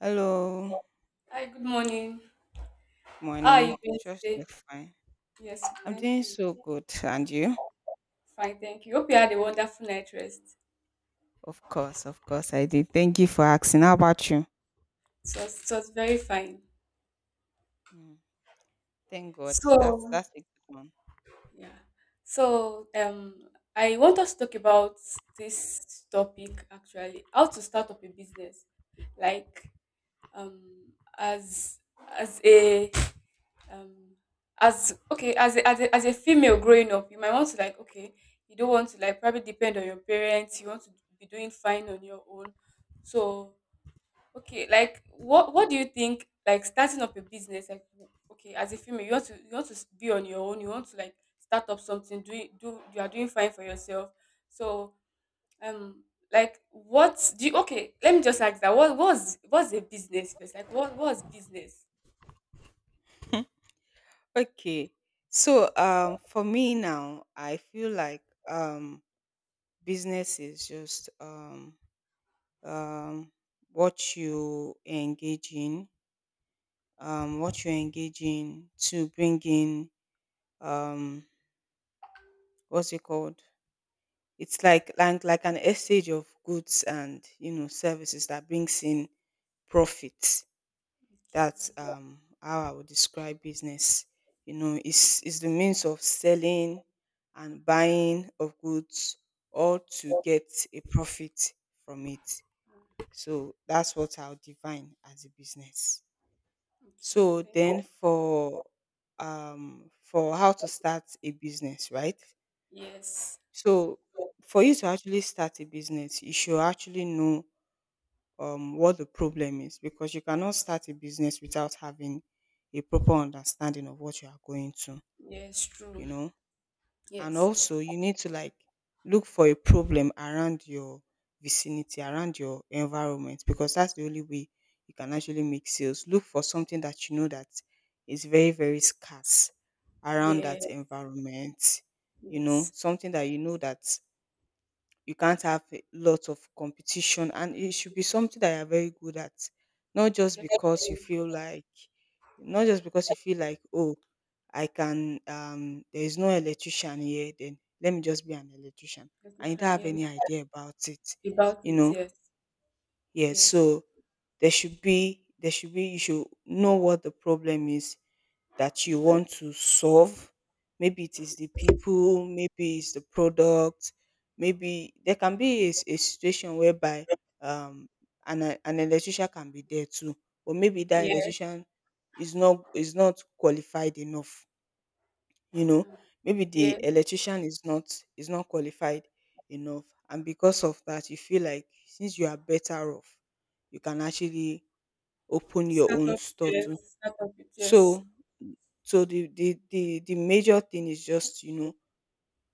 Hello, Hi, good morning. good How are morning. you doing Just you're today? fine. Yes, I'm thank doing you. so good. And you? Fine, thank you. Hope you had a wonderful night rest. Of course, I did. Thank you for asking. How about you? So it was very fine. Mm, thank God. That's So, that's a good one. yeah. So, I want us to talk about this topic, actually, how to start up a business. Like, um as as a um as okay as a female growing up, you might want to, like, okay, you don't want to, like, probably depend on your parents, you want to be doing fine on your own, so okay, like, what do you think, like, starting up a business, like, okay, as a female you want to be on your own, you want to, like, start up something, do you are doing fine for yourself, so, um like, what do you okay, let me just ask that, what was what's a business first, like, what's business. Okay. So for me now, I feel like business is just um what you engage in, to bring in, um what's it called? It's like an exchange of goods and services that brings in profits. That's how I would describe business. You know, it's the means of selling and buying of goods or to get a profit from it. So that's what I'll define as a business. Okay, So okay, thank. then for how to start a business, right? Yes. So for you to actually start a business, you should actually know, what the problem is, because you cannot start a business without having a proper understanding of what you are going to, Yes. you True. know. And Yes. also, you need to like look for a problem around your vicinity, around your environment, because that's the only way you can actually make sales. Look for something that you know that is very, very scarce around Yeah. that environment, Yes. something that you know that you can't have a lot of competition, and it should be something that you're very good at, not just Def- because you feel like not just because you feel like oh, I can there is no electrician here, then let me just be an electrician, and you don't Description. have Yes. any idea about it About you it. know Yes. yeah, Yes. so there should be you should know what the problem is that you want to solve. Maybe it is the people, maybe it's the product, maybe there can be a situation whereby, um, an electrician can be there too, but maybe that Yes. electrician is not qualified enough. You know, Uh, maybe the Yes. electrician is not qualified enough, and because of that, you feel like since you are better off, you can actually open your own Startup. store Yes. to. Startup. It. Yes. So so the major thing is just,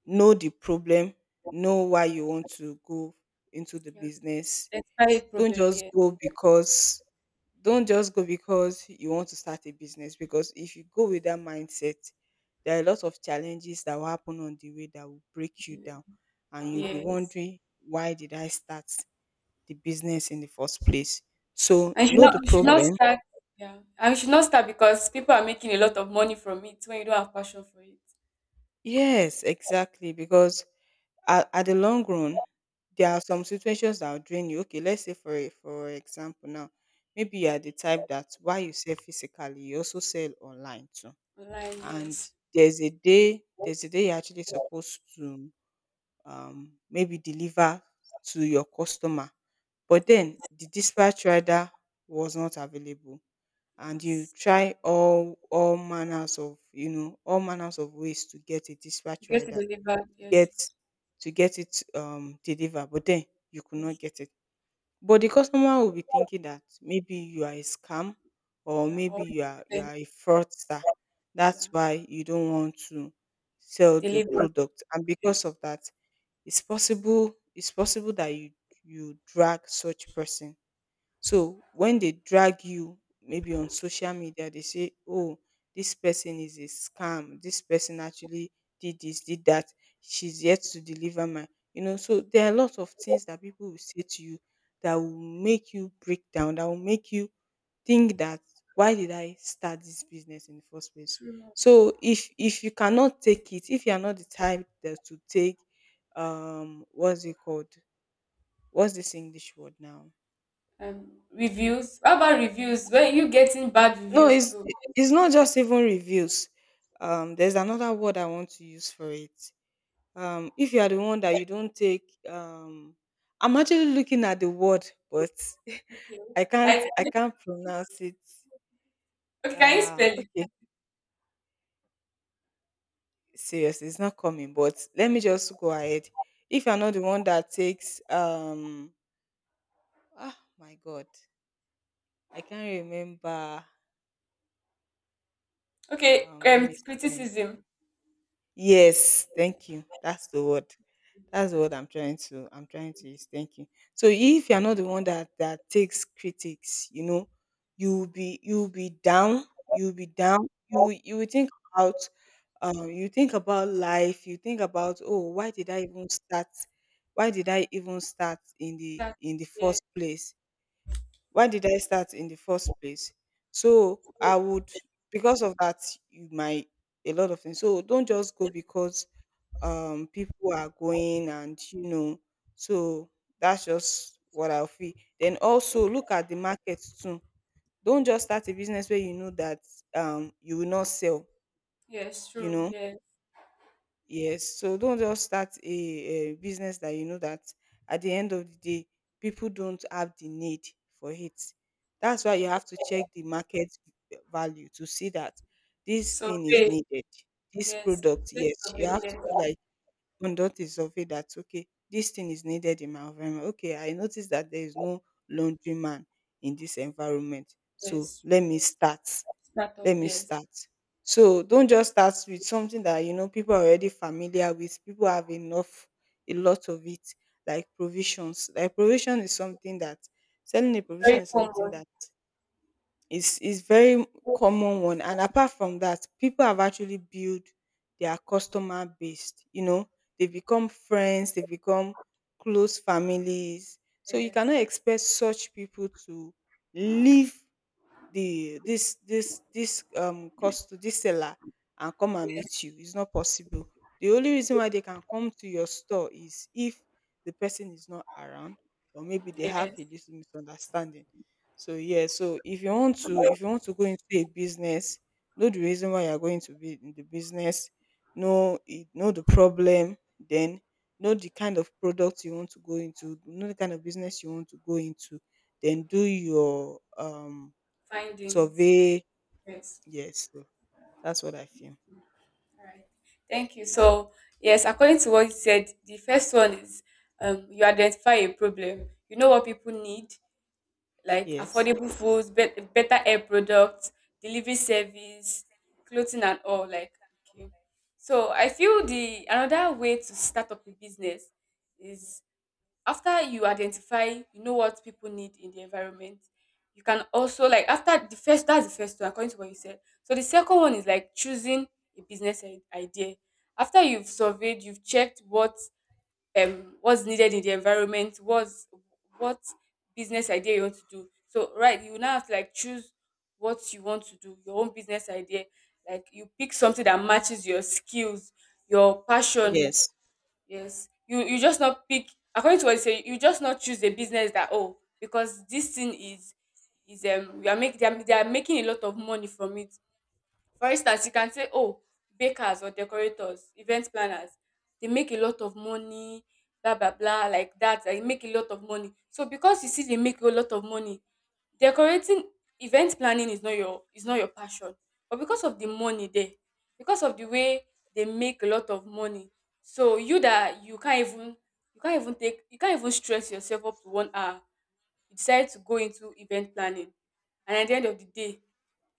know the problem, know why you want to go into the Yeah. business. Despite Don't problem. just Yes. go because don't just go because you want to start a business, because if you go with that mindset, there are a lot of challenges that will happen on the way that will break Do you it. down, and you'll be Yes. wondering why did I start the business in the first place? So And you should know not. the You should not problem. start. Yeah. And you should not start because people are making a lot of money from it when you don't have passion for it. Yes, exactly. Because at the long run, there are some situations that will drain you. Okay, let's say for example now, maybe you are the type that while you sell physically, you also sell online too. Online. And Yes. there's a day you're actually supposed to maybe deliver to your customer, but then Yes. the dispatch rider was not available, and you Yes. try all manners of all manners of ways to get a dispatch To get it rider, delivered. get Yes. to get it delivered, but then you could not Yes. get it. But the customer will be thinking that maybe you are a scam, or Yeah. maybe Or, you are a fraudster. That's yeah. why you don't want to sell the Delivered. product. And Yes. because of that, it's possible that you drag such person, so when they drag you maybe on social media, they say, "Oh, this person is a scam. This person actually did this, did that. She's yet to deliver my." You know, so there are a lot of things that people will say to you that will make you break down, that will make you think that why did I start this business in the first place? True. So if you cannot take it, if you are not the type that to take, what's it called? What's this English word now? Reviews. How about reviews? Were you getting bad No, reviews it's too? it's not just even reviews. There's another word I want to use for it. If you are the one that you don't take, I'm actually looking at the word, but Okay. I can't Like, I can't pronounce it. okay, can you Uh, spell it? okay, seriously, it's not coming. But let me just go ahead. If you're not the one that takes, my God, I can't remember. Okay, Let me see. criticism. Yes, thank you. That's the word. That's the word I'm trying to use. Thank you. So if you're not the one that takes critics, you will be down. You will be down. You will think about, you think about life. You think about, oh, why did I even start? Why did I even start in the That, in the yeah, first place? Why did I start in the first place? So I would, because of that, you might, a lot of things. So don't just go because people are going, and so that's just what I feel. Then also look at the market too. Don't just start a business where you know that you will not sell yes, you true, know yeah. yes, so don't just start a business that you know that at the end of the day people don't have the need for it. That's why you have to check the market value to see that this thing is Survey, needed, this yes. product. Take Yes, you survey, have to yes, do, like, conduct a survey that, okay, this thing is needed in my environment. Okay, I noticed that there is no laundry man in this environment. So yes. let me start. Let Startup, me yes. start. So don't just start with something that you know people are already familiar with. People have enough, a lot of it, like provisions. Like provision is something that selling a Very provision is something common, that it's very common one, and apart from that, people have actually built their customer base. They become friends, they become close families. So you yes, cannot expect such people to leave the this this this cost this seller and come and meet yes, you. It's not possible. The only reason why they can come to your store is if the person is not around, or maybe they have a yes. little misunderstanding. So, yeah, so if you want to go into a business, know the reason why you're going to be in the business, know the problem, then know the kind of product you want to go into, know the kind of business you want to go into, then do your Findings, survey. yes. Yes, so that's what I feel. All right. Thank you. So, yes, according to what you said, the first one is, you identify a problem. You know what people need, like Yes, affordable foods, better air products, delivery service, clothing and all. Like, okay. So I feel the another way to start up a business is, after you identify, you know what people need in the environment. You can also, like, after the first that's the first one according to what you said. So the second one is, like, choosing a business idea. After you've surveyed, you've checked what, what's needed in the environment, what business idea you want to do. So right, you now have to, like, choose what you want to do, your own business idea. Like, you pick something that matches your skills, your passion. yes, Yes. You just not pick, according to what you say. You just not choose a business that, oh, because this thing is we are making, they are making a lot of money from it, for instance, you can say, "Oh, bakers or decorators, event planners, they make a lot of money, blah blah blah, like that. They make a lot of money." So because you see they make a lot of money, decorating, event planning is not your passion. But because of the money there, because of the way they make a lot of money, so you that you can't even stress yourself up to one hour. You decide to go into event planning, and at the end of the day,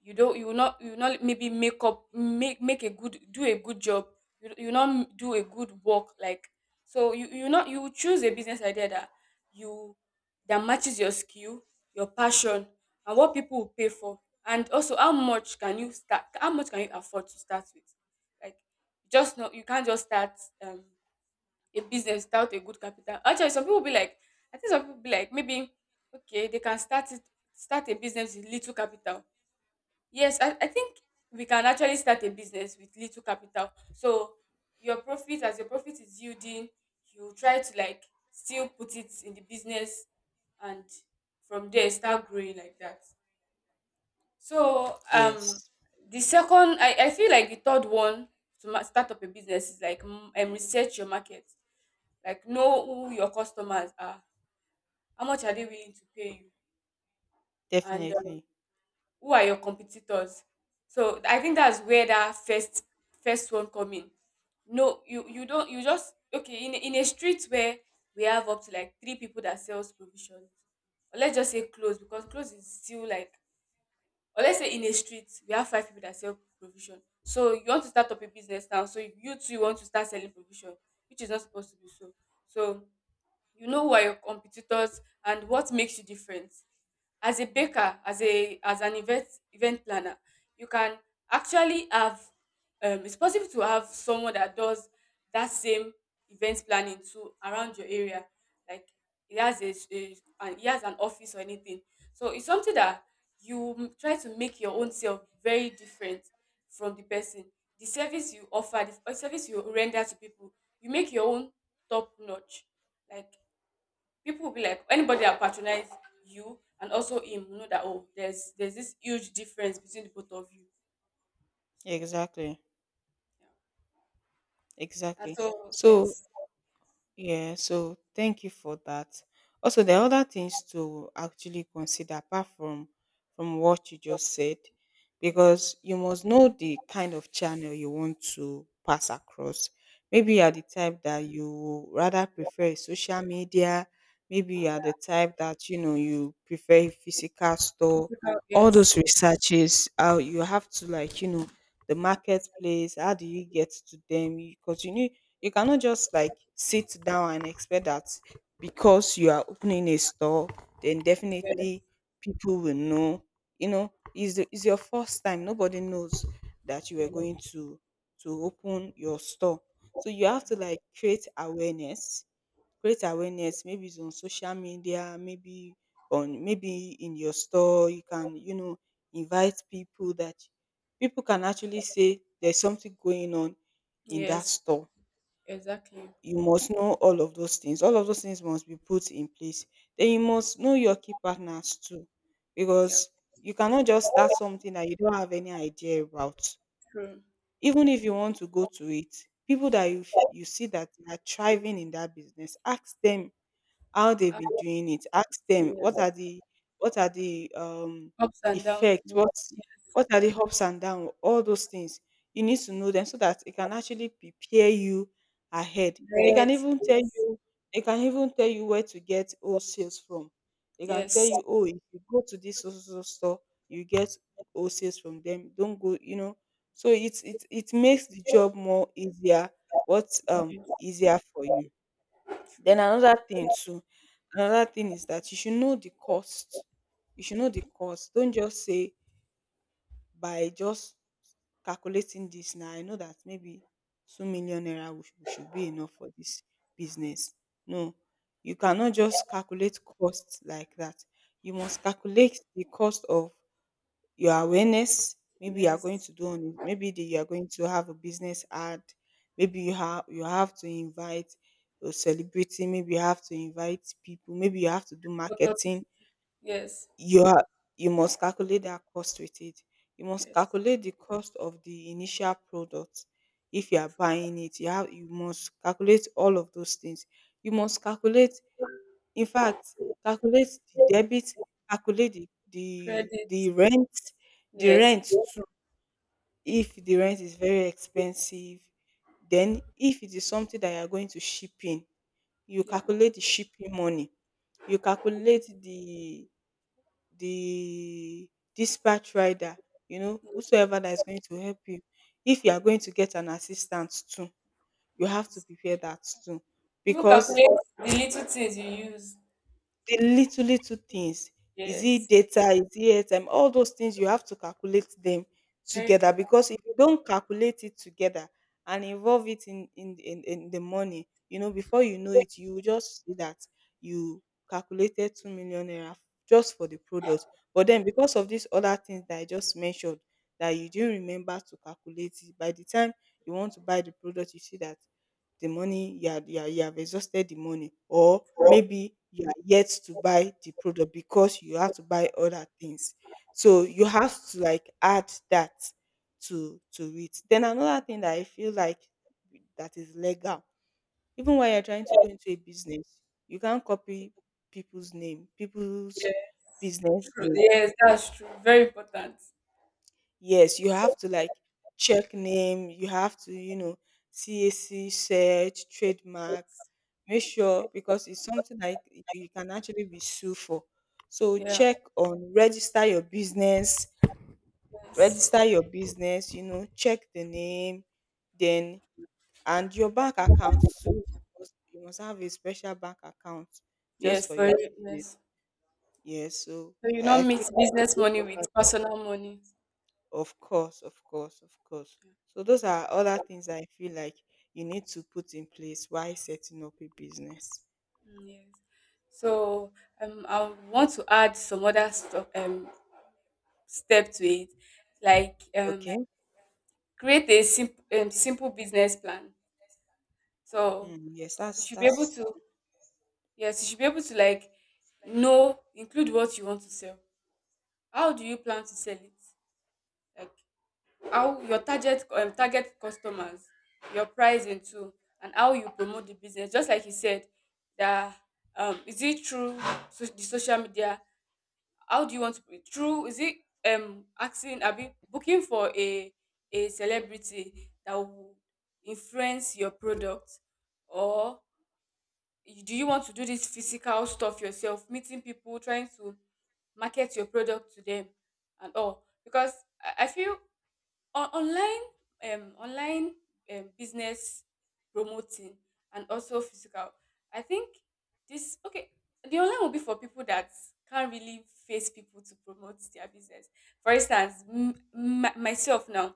you will not maybe make up make make a good do a good job, you will not do a good work, like, so you will not, you will choose a business idea that, you that matches your skill, your passion, and what people will pay for, and also how much can you afford to start with, like, just not you can't just start a business without a good capital. Actually, some people be like I think some people be like, maybe, okay, they can start a business with little capital. Yes, I think we can actually start a business with little capital. So your profit, as your profit is yielding, you try to like still put it in the business, and from there start growing like that. So, yes, the second, I feel like the third one to start up a business is, like, research your market. Like, know who your customers are, how much are they willing to pay you, and definitely, who are your competitors? So I think that's where that first one come in. No, you don't you just, okay, in in a street where we have up to like three people that sells provisions. Or let's just say clothes, because clothes is still like, or let's say, in a street we have five people that sell provision. So you want to start up a business now. So you too want to start selling provision, which is not supposed to be so. So, you know, who are your competitors and what makes you different as a baker, as a as an event planner, you can actually have, it's possible to have someone that does that same event planning too around your area, like, he has a and he has an office, or anything, so it's something that you try to make your own self very different from the person, the service you offer, the service you render to people, you make your own top notch, like, people will be like, anybody that patronize you and also him will know that, oh, there's this huge difference between the both of you, so exactly, yeah, and exactly. so So, yes, yeah, so thank you for that. Also, there are other things to actually consider apart from what you just said, yes. Mm, because you must know the kind of channel you want to pass across. Maybe you yeah. are the type that you rather prefer social media. Maybe you are the type that you know you prefer a physical store. All Yes. those researches, how you have to, like, the marketplace. How do you get to them? Because you cannot just, like, sit down and expect that because you are opening a store, then Yes. definitely people will know. You know, it's your first time. Nobody knows that you are Yes. going to open your store. So you have to, like, create awareness. Maybe it's on social media, maybe in your store you can, invite people, that people can actually say there's something going on in that Yes. store. Exactly. You must know all of those things. All of those things must be put in place. Then you must know your key partners too, Yeah. because you cannot just start something that you don't have any idea about. True. Even if you want to go to it, people that you see that they are thriving in that business, ask them how they've And, been doing it. Ask them yes. what are the what are the um Ups and downs. effects, Mm, what yeah. what are the ups and downs, all those things. You need to know them so that it can actually prepare you ahead. They can Red. even tell Yes. you they can even tell you where to get wholesales from. They can tell Yes. you, oh, if you go to this so, so, so store, you get wholesales from them. Don't go. So it makes the job more easier, what um Yeah, easier for you. Then true. another thing too, another thing is that you should know the cost. You should know the cost. Don't just say by just calculating this now. I know that maybe 2 million naira will should be enough for this business. No, you cannot just calculate cost like that. You must calculate the cost of your awareness. Maybe you are going Yes. to do on you are going to have a business ad. Maybe you have to invite a celebrity. Maybe you have to invite people. Maybe you have to do marketing. Publicity. Yes. You are you must calculate that cost with it. You must Yes. calculate the cost of the initial product if you are buying it. You must calculate all of those things. You must calculate, in fact, calculate the debit, calculate the the Credit. the rent, the Yes. rent too, if the rent is very expensive. Then if it is something that you are going to ship in, you Yeah. calculate the shipping money, you calculate the dispatch rider, whosoever that is going to help you. If you are going to get an assistant too, you have to Yes. prepare that too, Even because. calculate the little things you use. The little, little things. Is it Yes, data? Is it airtime? All those things you have to calculate them very together, important. because if you don't calculate it together and involve it in the money, before you know it, you will just see that you calculated 2 million naira just for the product. But then because of these other things that I just mentioned, that you didn't remember to calculate it, by the time you want to buy the product, you see that the money you have exhausted the money, or maybe you are yet to buy the product because you have to buy other things. So you have to, like, add that to it. Then another thing that I feel like, that is legal, even when you're trying to go into a business, you can't copy people's name, people's Yeah, business true. name. Yes, that's true. Very important. Yes, you have to, like, check name, you have to, CAC search, trademark, make sure, because it's something like you can actually be sued for. So Yeah. check on register your business, Yes. register your business, check the name, then and your bank account too. You must have a special bank account just Yes. for For your real, business. yes. Yes, so So you I not feel mix those business money those with are. personal money. Of course, of course, of course. So those are other things I feel like you need to put in place while setting up a business. Mm, yes. So, I want to add some other stuff, step to it, like, Okay. create a simple, simple business plan. So Mm, yes, you that's should be able that's to, yes, you should be able to, like, know, include what you want to sell, how do you plan to sell it? Like, how your target, target customers, your pricing too, and how you promote the business. Just like you said, that, is it through, the social media? How do you want to, through? Is it, asking? Abi booking for a celebrity that will influence your product, or do you want to do this physical stuff yourself, meeting people, trying to market your product to them, and all, because I feel on online, online, business promoting, and also physical, I think this, okay, the online will be for people that can't really face people to promote their business. For instance, myself now,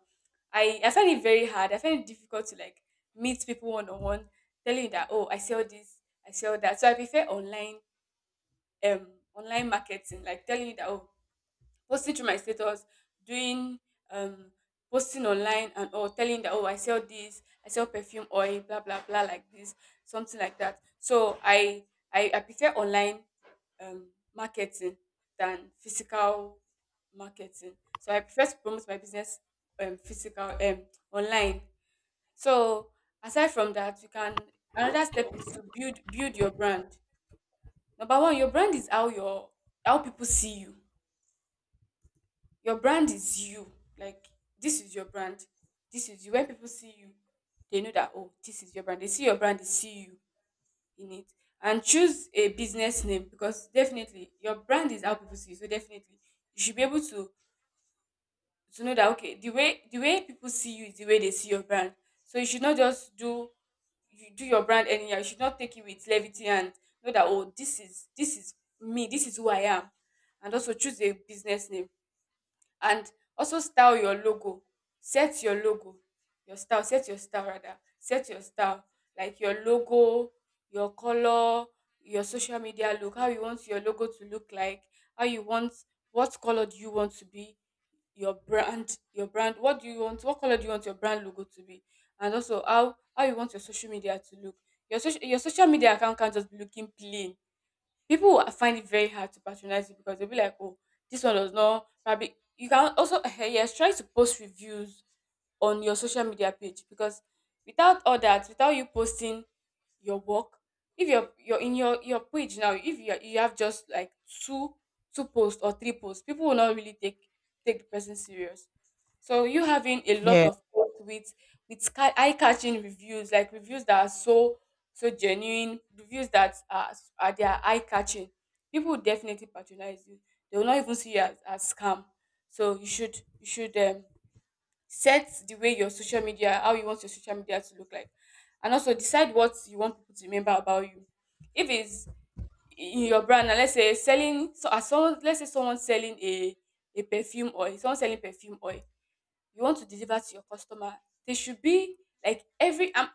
I find it very hard, I find it difficult to, like, meet people one-on-one, telling you that, oh, I sell this, I sell that, so I prefer online, um online marketing, like, telling you that, oh, posting through my status, doing, um posting online and all, telling that, oh, I sell this, I sell perfume oil, blah blah blah like this, something like that. So I prefer online, um marketing than physical marketing. So I prefer to promote my business, physical, online. So aside from that, you can, another step is to build your brand. Number one, your brand is how your, how people see you. Your brand is you. Like, this is your brand. This is you. When people see you, they know that, oh, this is your brand. They see your brand, they see you in it. And choose a business name, because definitely your brand is how people see you. So definitely you should be able to know that, okay, the way people see you is the way they see your brand. So you should not just do, you do your brand anyhow. You should not take it with levity, and know that, oh, this is me, this is who I am. And also choose a business name. And also, style your logo, set your logo, your style, set your style, rather, set your style. Like, your logo, your color, your social media. Look how you want your logo to look like, how you want, what color do you want to be, your brand, what do you want, what color do you want your brand logo to be. And also, how you want your social media to look. Your social media account can not just be looking plain. People will find it very hard to patronize you, because they'll be like, oh, this one does not, probably you can also yes, try to post reviews on your social media page. Because without all that, without you posting your work, if you're in your page now, if you have just like two two posts or three posts, people will not really take the person serious. So you having a lot Yeah. of posts with eye catching reviews, like reviews that are so genuine, reviews that are their eye catching, people will definitely patronize you. They will not even see you as, scam. So you should set the way your social media, how you want your social media to look like. And also decide what you want people to remember about you. If it's in your brand now, let's say selling, so as someone, let's say someone selling a perfume oil, someone selling perfume oil, you want to deliver to your customer. They should be like every,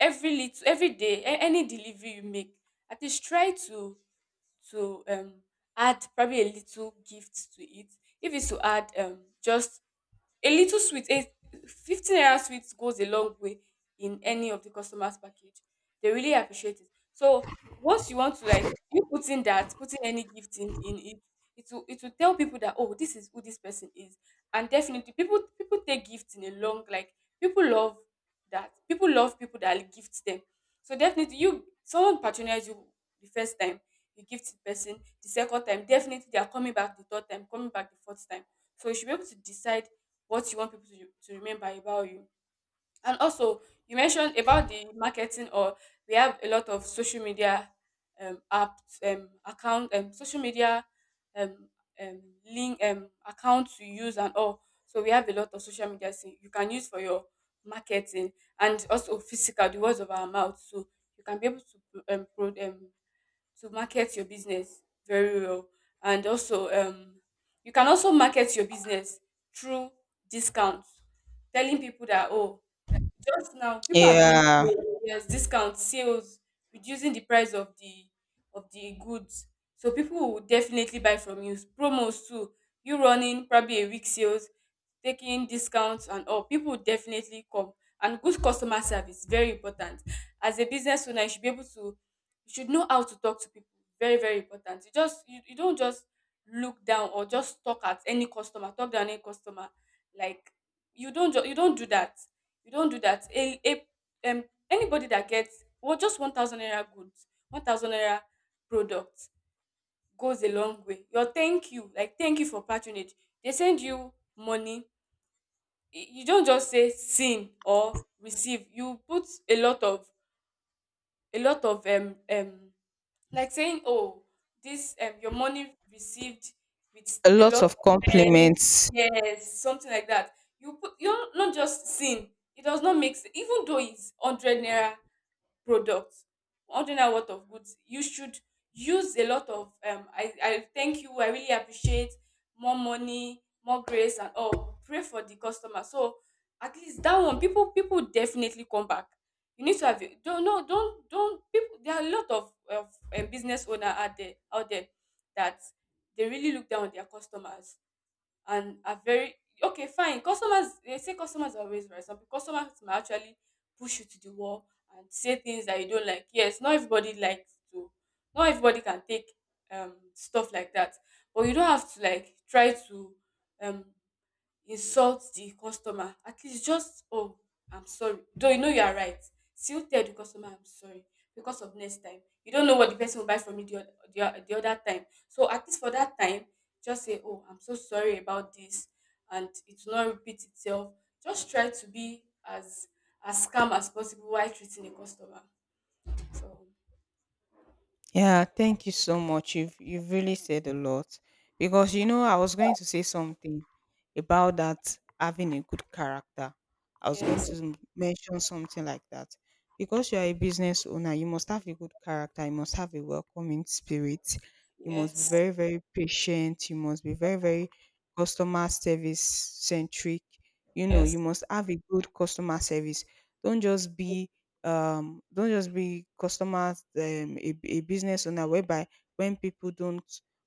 every little, every day a-, any delivery you make, at least try to add probably a little gift to it. If it's to add just a little sweet, a 15 naira sweet goes a long way in any of the customers' package. They really appreciate it. So once you want to, like, you putting that, putting any gift in it, it will tell people that, oh, this is who this person is. And definitely people take gifts in a long, like, people love that. People love people that gift them. So definitely, you, someone patronize you the first time, you gift the person, the second time, definitely they are coming back the third time, coming back the fourth time. So you should be able to decide what you want people to remember about you. And also, you mentioned about the marketing, or we have a lot of social media apps, account, social media um, um, link, accounts to use and all. So we have a lot of social media thing you can use for your marketing. And also physical, the words of our mouth. So you can be able to to market your business very well. And also you can also market your business through discounts, telling people that, oh, just now, people are doing Yeah. sales, yes, discount sales, reducing the price of the goods. So people will definitely buy from you. Promos too. You running probably a week sales, taking discounts and all. People will definitely come. And good customer service, very important. As a business owner, you should be able to, you should know how to talk to people. Very, very important. You don't just look down or just talk at any customer, talk down any customer. Like, you don't ju-, you don't do that, you don't do that, a anybody that gets well, just 1,000 naira goods, 1,000 naira products goes a long way. Your thank you, like thank you for patronage, they send you money. Y-, you don't just say sin or receive, you put a lot of a lot of um um like saying, oh, this, your money received, with A a lot lot of of thanks. compliments. Yes, something like that. You put, you're not just sin, it does not make sense. Even though it's 100 naira product, ordering out a lot of goods, you should use a lot of I thank you, I really appreciate, more money, more grace, and all, pray for the customer. So at least that one, people definitely come back. You need to have a-, don't, no, don't, don't, people, there are a lot of business owner out there that they really look down on their customers, and are very, okay, fine. Customers, they say customers are always right. Some customers might actually push you to the wall, and say things that you don't like. Yes, not everybody likes to, not everybody can take stuff like that. But you don't have to, like, try to um insult the customer. At least just, oh, I'm sorry, though, you know you are right. Still tell the customer, I'm sorry. Because of next time, you don't know what the person will buy from you the other time. So at least for that time, just say, oh, I'm so sorry about this, and it will not repeat itself. Just try to be as calm as possible while treating a customer. So Yeah. Thank you so much. You've really said a lot, because, you know, I was going to say something about that, having a good character. I was going yes, to mention something like that. Because you are a business owner, you must have a good character, you must have a welcoming spirit, you must be yes, very, very patient, you must be very, very customer service centric. You know, yes, you must have a good customer service. Don't just be don't just be customers, a business owner whereby, when people don't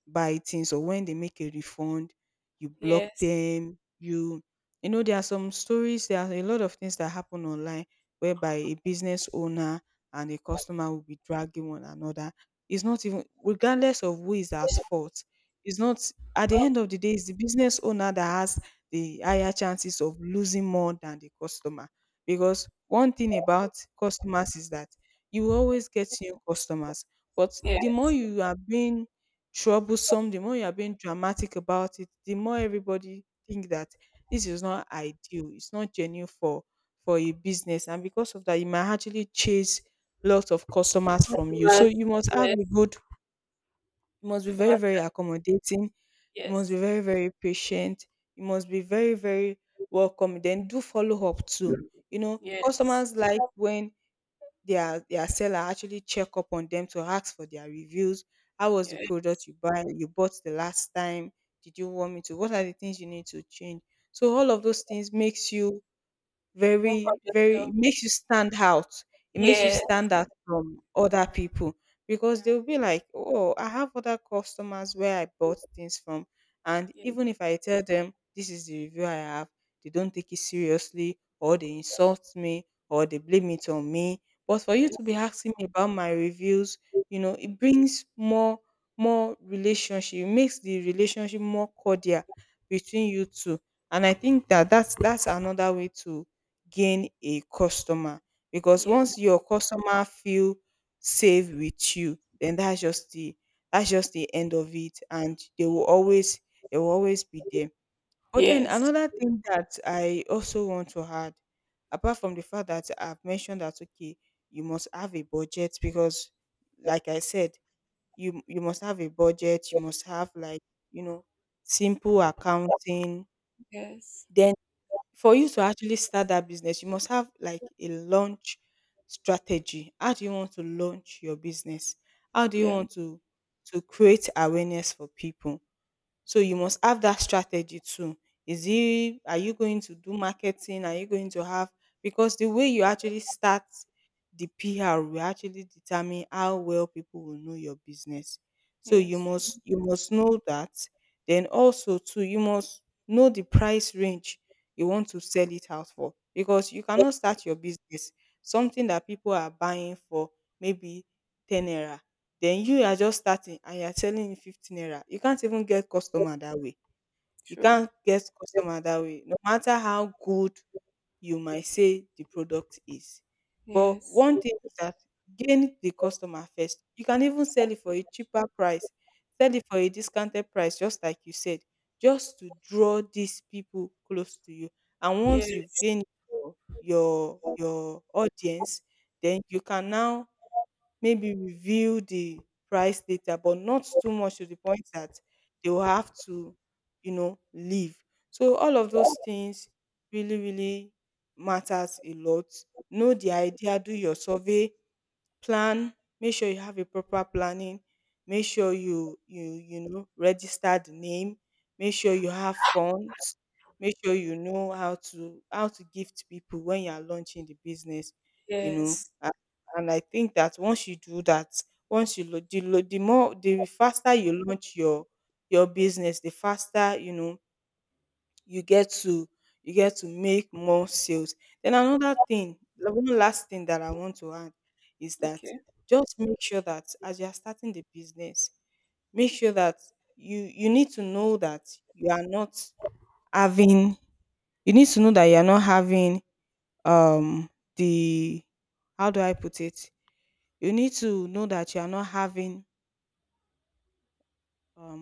buy things or when they make a refund, you block yes, them, you. You know, there are some stories, there are a lot of things that happen online, whereby a business owner and a customer will be dragging one another. It's not even, regardless of who is at fault, it's not. At the end of the day, it's the business owner that has the higher chances of losing more than the customer. Because one thing about customers is that you always get new customers, but the yes, more you are being troublesome, the more you are being dramatic about it, the more everybody think that this is not ideal. It's not genuine for a business, and because of that, you might actually chase lots of customers from you. So customers, you must have yes, a good, you must be very, customers, very accommodating, you must be yes, very, very patient, you must be very, very welcome. Then do follow up too. You know, yes, customers like when their seller actually check up on them to ask for their reviews. How was the product yes. you bought the last time? Did you want me to? What are the things you need to change? So all of those things makes you Work on very, very, it yourself. makes you stand out it makes you Yes. stand out from other people, because Yeah. they'll be like, oh, I have other customers where I bought things from, and Yes. even if I tell them this is the review I have, they don't take it seriously, or they insult me, or they blame it on me, but for you to be asking me about my reviews, it brings more relationship, it makes the relationship more cordial between you two, and I think that that's another way to gain a customer, because Yes. once your customer feel safe with you, then that's just the end of it, and they will always be there. But then Yes. another thing that I also want to add, apart from the fact that I've mentioned, that, okay, you must have a budget, because, like I said, you must have a budget, you must have, like, you know simple accounting. Yes. Yes. Then for you to actually start that business, you must have, like, a launch strategy. How do you want to launch your business? How do you Yeah. want to create awareness for people? So you must have that strategy too. Is it are you going to do marketing? Are you going to have, because the way you actually start, the PR will actually determine how well people will know your business. So you Yes. must, you must know that. Then also too, you must know the price range you want to sell it out for. Because you cannot start your business, something that people are buying for maybe 10 naira, then you are just starting and you are selling him 15 naira. You can't even get customer that way. You True. can't get customer that way, no matter how good you might say the product is. But Yes. one thing is that, gain the customer first. You can even sell it for a cheaper price, sell it for a discounted price, just like you said, just to draw these people close to you. And once you've Yes. gained your audience, then you can now maybe review the price later, but not too much to the point that they will have to, leave. So all of those things really, really matters a lot. Know the idea, do your survey, plan, make sure you have a proper planning, make sure you you you know register the name, make sure you have funds, make sure you know how to gift people when you are launching the business, you know, Yes. and I think that once you do that, once you lo the more, the faster you launch your business, the faster, you get to you get to make more sales. Then another thing, the one last thing that I want to add is that, Okay. just make sure that as you are starting the business, make sure that you need to know that you are not having, you need to know that you are not having, um the, how do I put it, you need to know that you are not having, um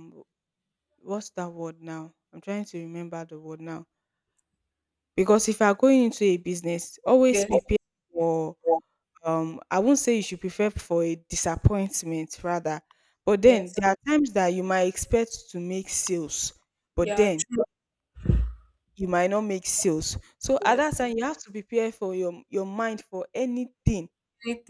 what's that word now? I'm trying to remember the word now. Because if you are going into a business, always Yes. prepare for I won't say you should prepare for a disappointment, rather. But then Yes. there are times that you might expect to make sales, but Yeah. then True. you might not make sales. So at that Yes. time you have to prepare for your mind for anything.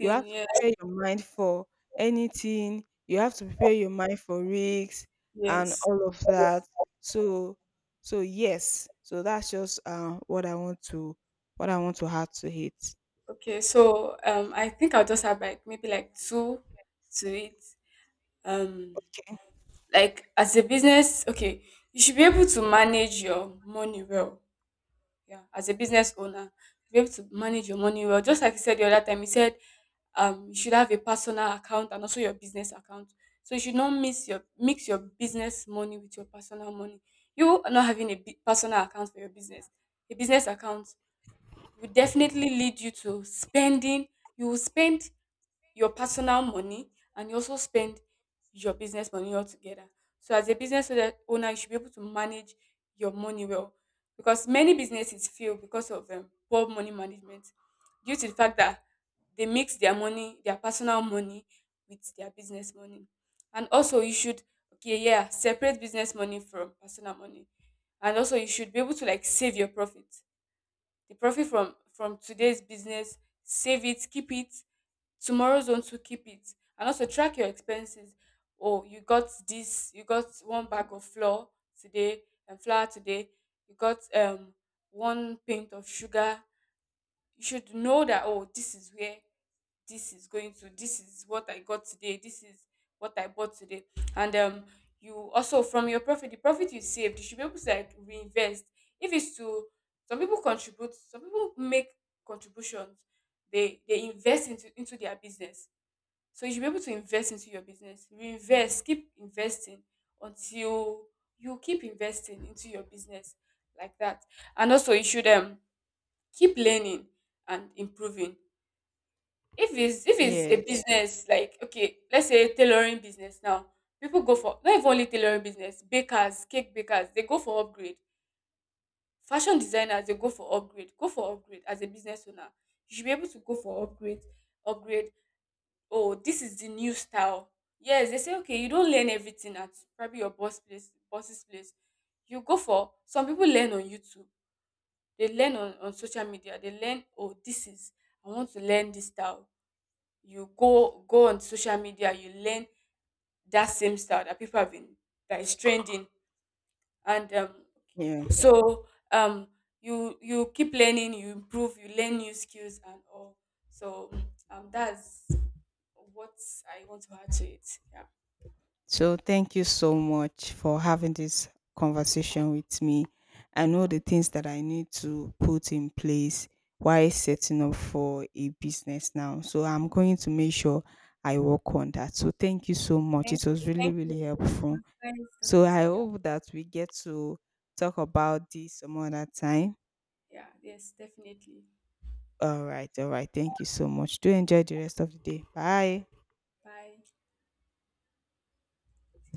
You have to Yes. prepare your mind for anything. You have to prepare your mind for risks, and Yes. all of that. So, yes. So that's just what I want to add to it. Okay. So I think I'll just have like maybe like two to it. Um, Okay. like, as a business, okay, you should be able to manage your money well. Yeah, as a business owner, be able to manage your money well. Just like you said the other time, you said you should have a personal account and also your business account. So you should not mix your business money with your personal money. You not having a bi- personal account for your business, a business account, will definitely lead you to spending. You will spend your personal money, and you also spend your business money altogether. So as a business owner, you should be able to manage your money well, because many businesses fail because of poor money management, due to the fact that they mix their money, their personal money, with their business money. And also, you should, okay, yeah, separate business money from personal money. And also, you should be able to, like, save your profit. The profit from today's business, save it, keep it, tomorrow's own, to keep it. And also track your expenses. Oh, you got this, you got one bag of flour today, and flour today, you got one pint of sugar. You should know that, oh, this is where this is going to, this is what I got today, this is what I bought today. And you also, from your profit, the profit you saved, you should be able to, like, reinvest. If it's to, some people contribute, some people make contributions, they invest into their business. So you should be able to invest into your business. Reinvest, keep investing, until, you keep investing into your business like that. And also, you should keep learning and improving. If it's a Yes. business like, okay, let's say tailoring business now. People go for, not even only tailoring business, bakers, cake bakers, they go for upgrade. Fashion designers, they go for upgrade. Go for upgrade as a business owner. You should be able to go for upgrade. Oh, this is the new style. Yes, they say, okay, you don't learn everything at, probably your boss place, boss's place. You go for, some people learn on YouTube, they learn on social media. They learn, oh, this is, I want to learn this style. You go on social media, you learn that same style that people have been, that is trending. And okay. Yeah. So um you keep learning, you improve, you learn new skills and all. So that's what I want to add to it. Yeah. So, thank you so much for having this conversation with me. I know the Come. things that I need to put in place while Yeah. setting up for a business now. So, I'm going to make sure I work on that. So, thank you so much. Thank It was you. really, Thank you. really It helpful. was nice So, talking I to you. hope that we get to talk about this some other time. Yeah, yes, definitely. All right. All right. Thank you so much. Do enjoy the rest of the day. Bye. Bye.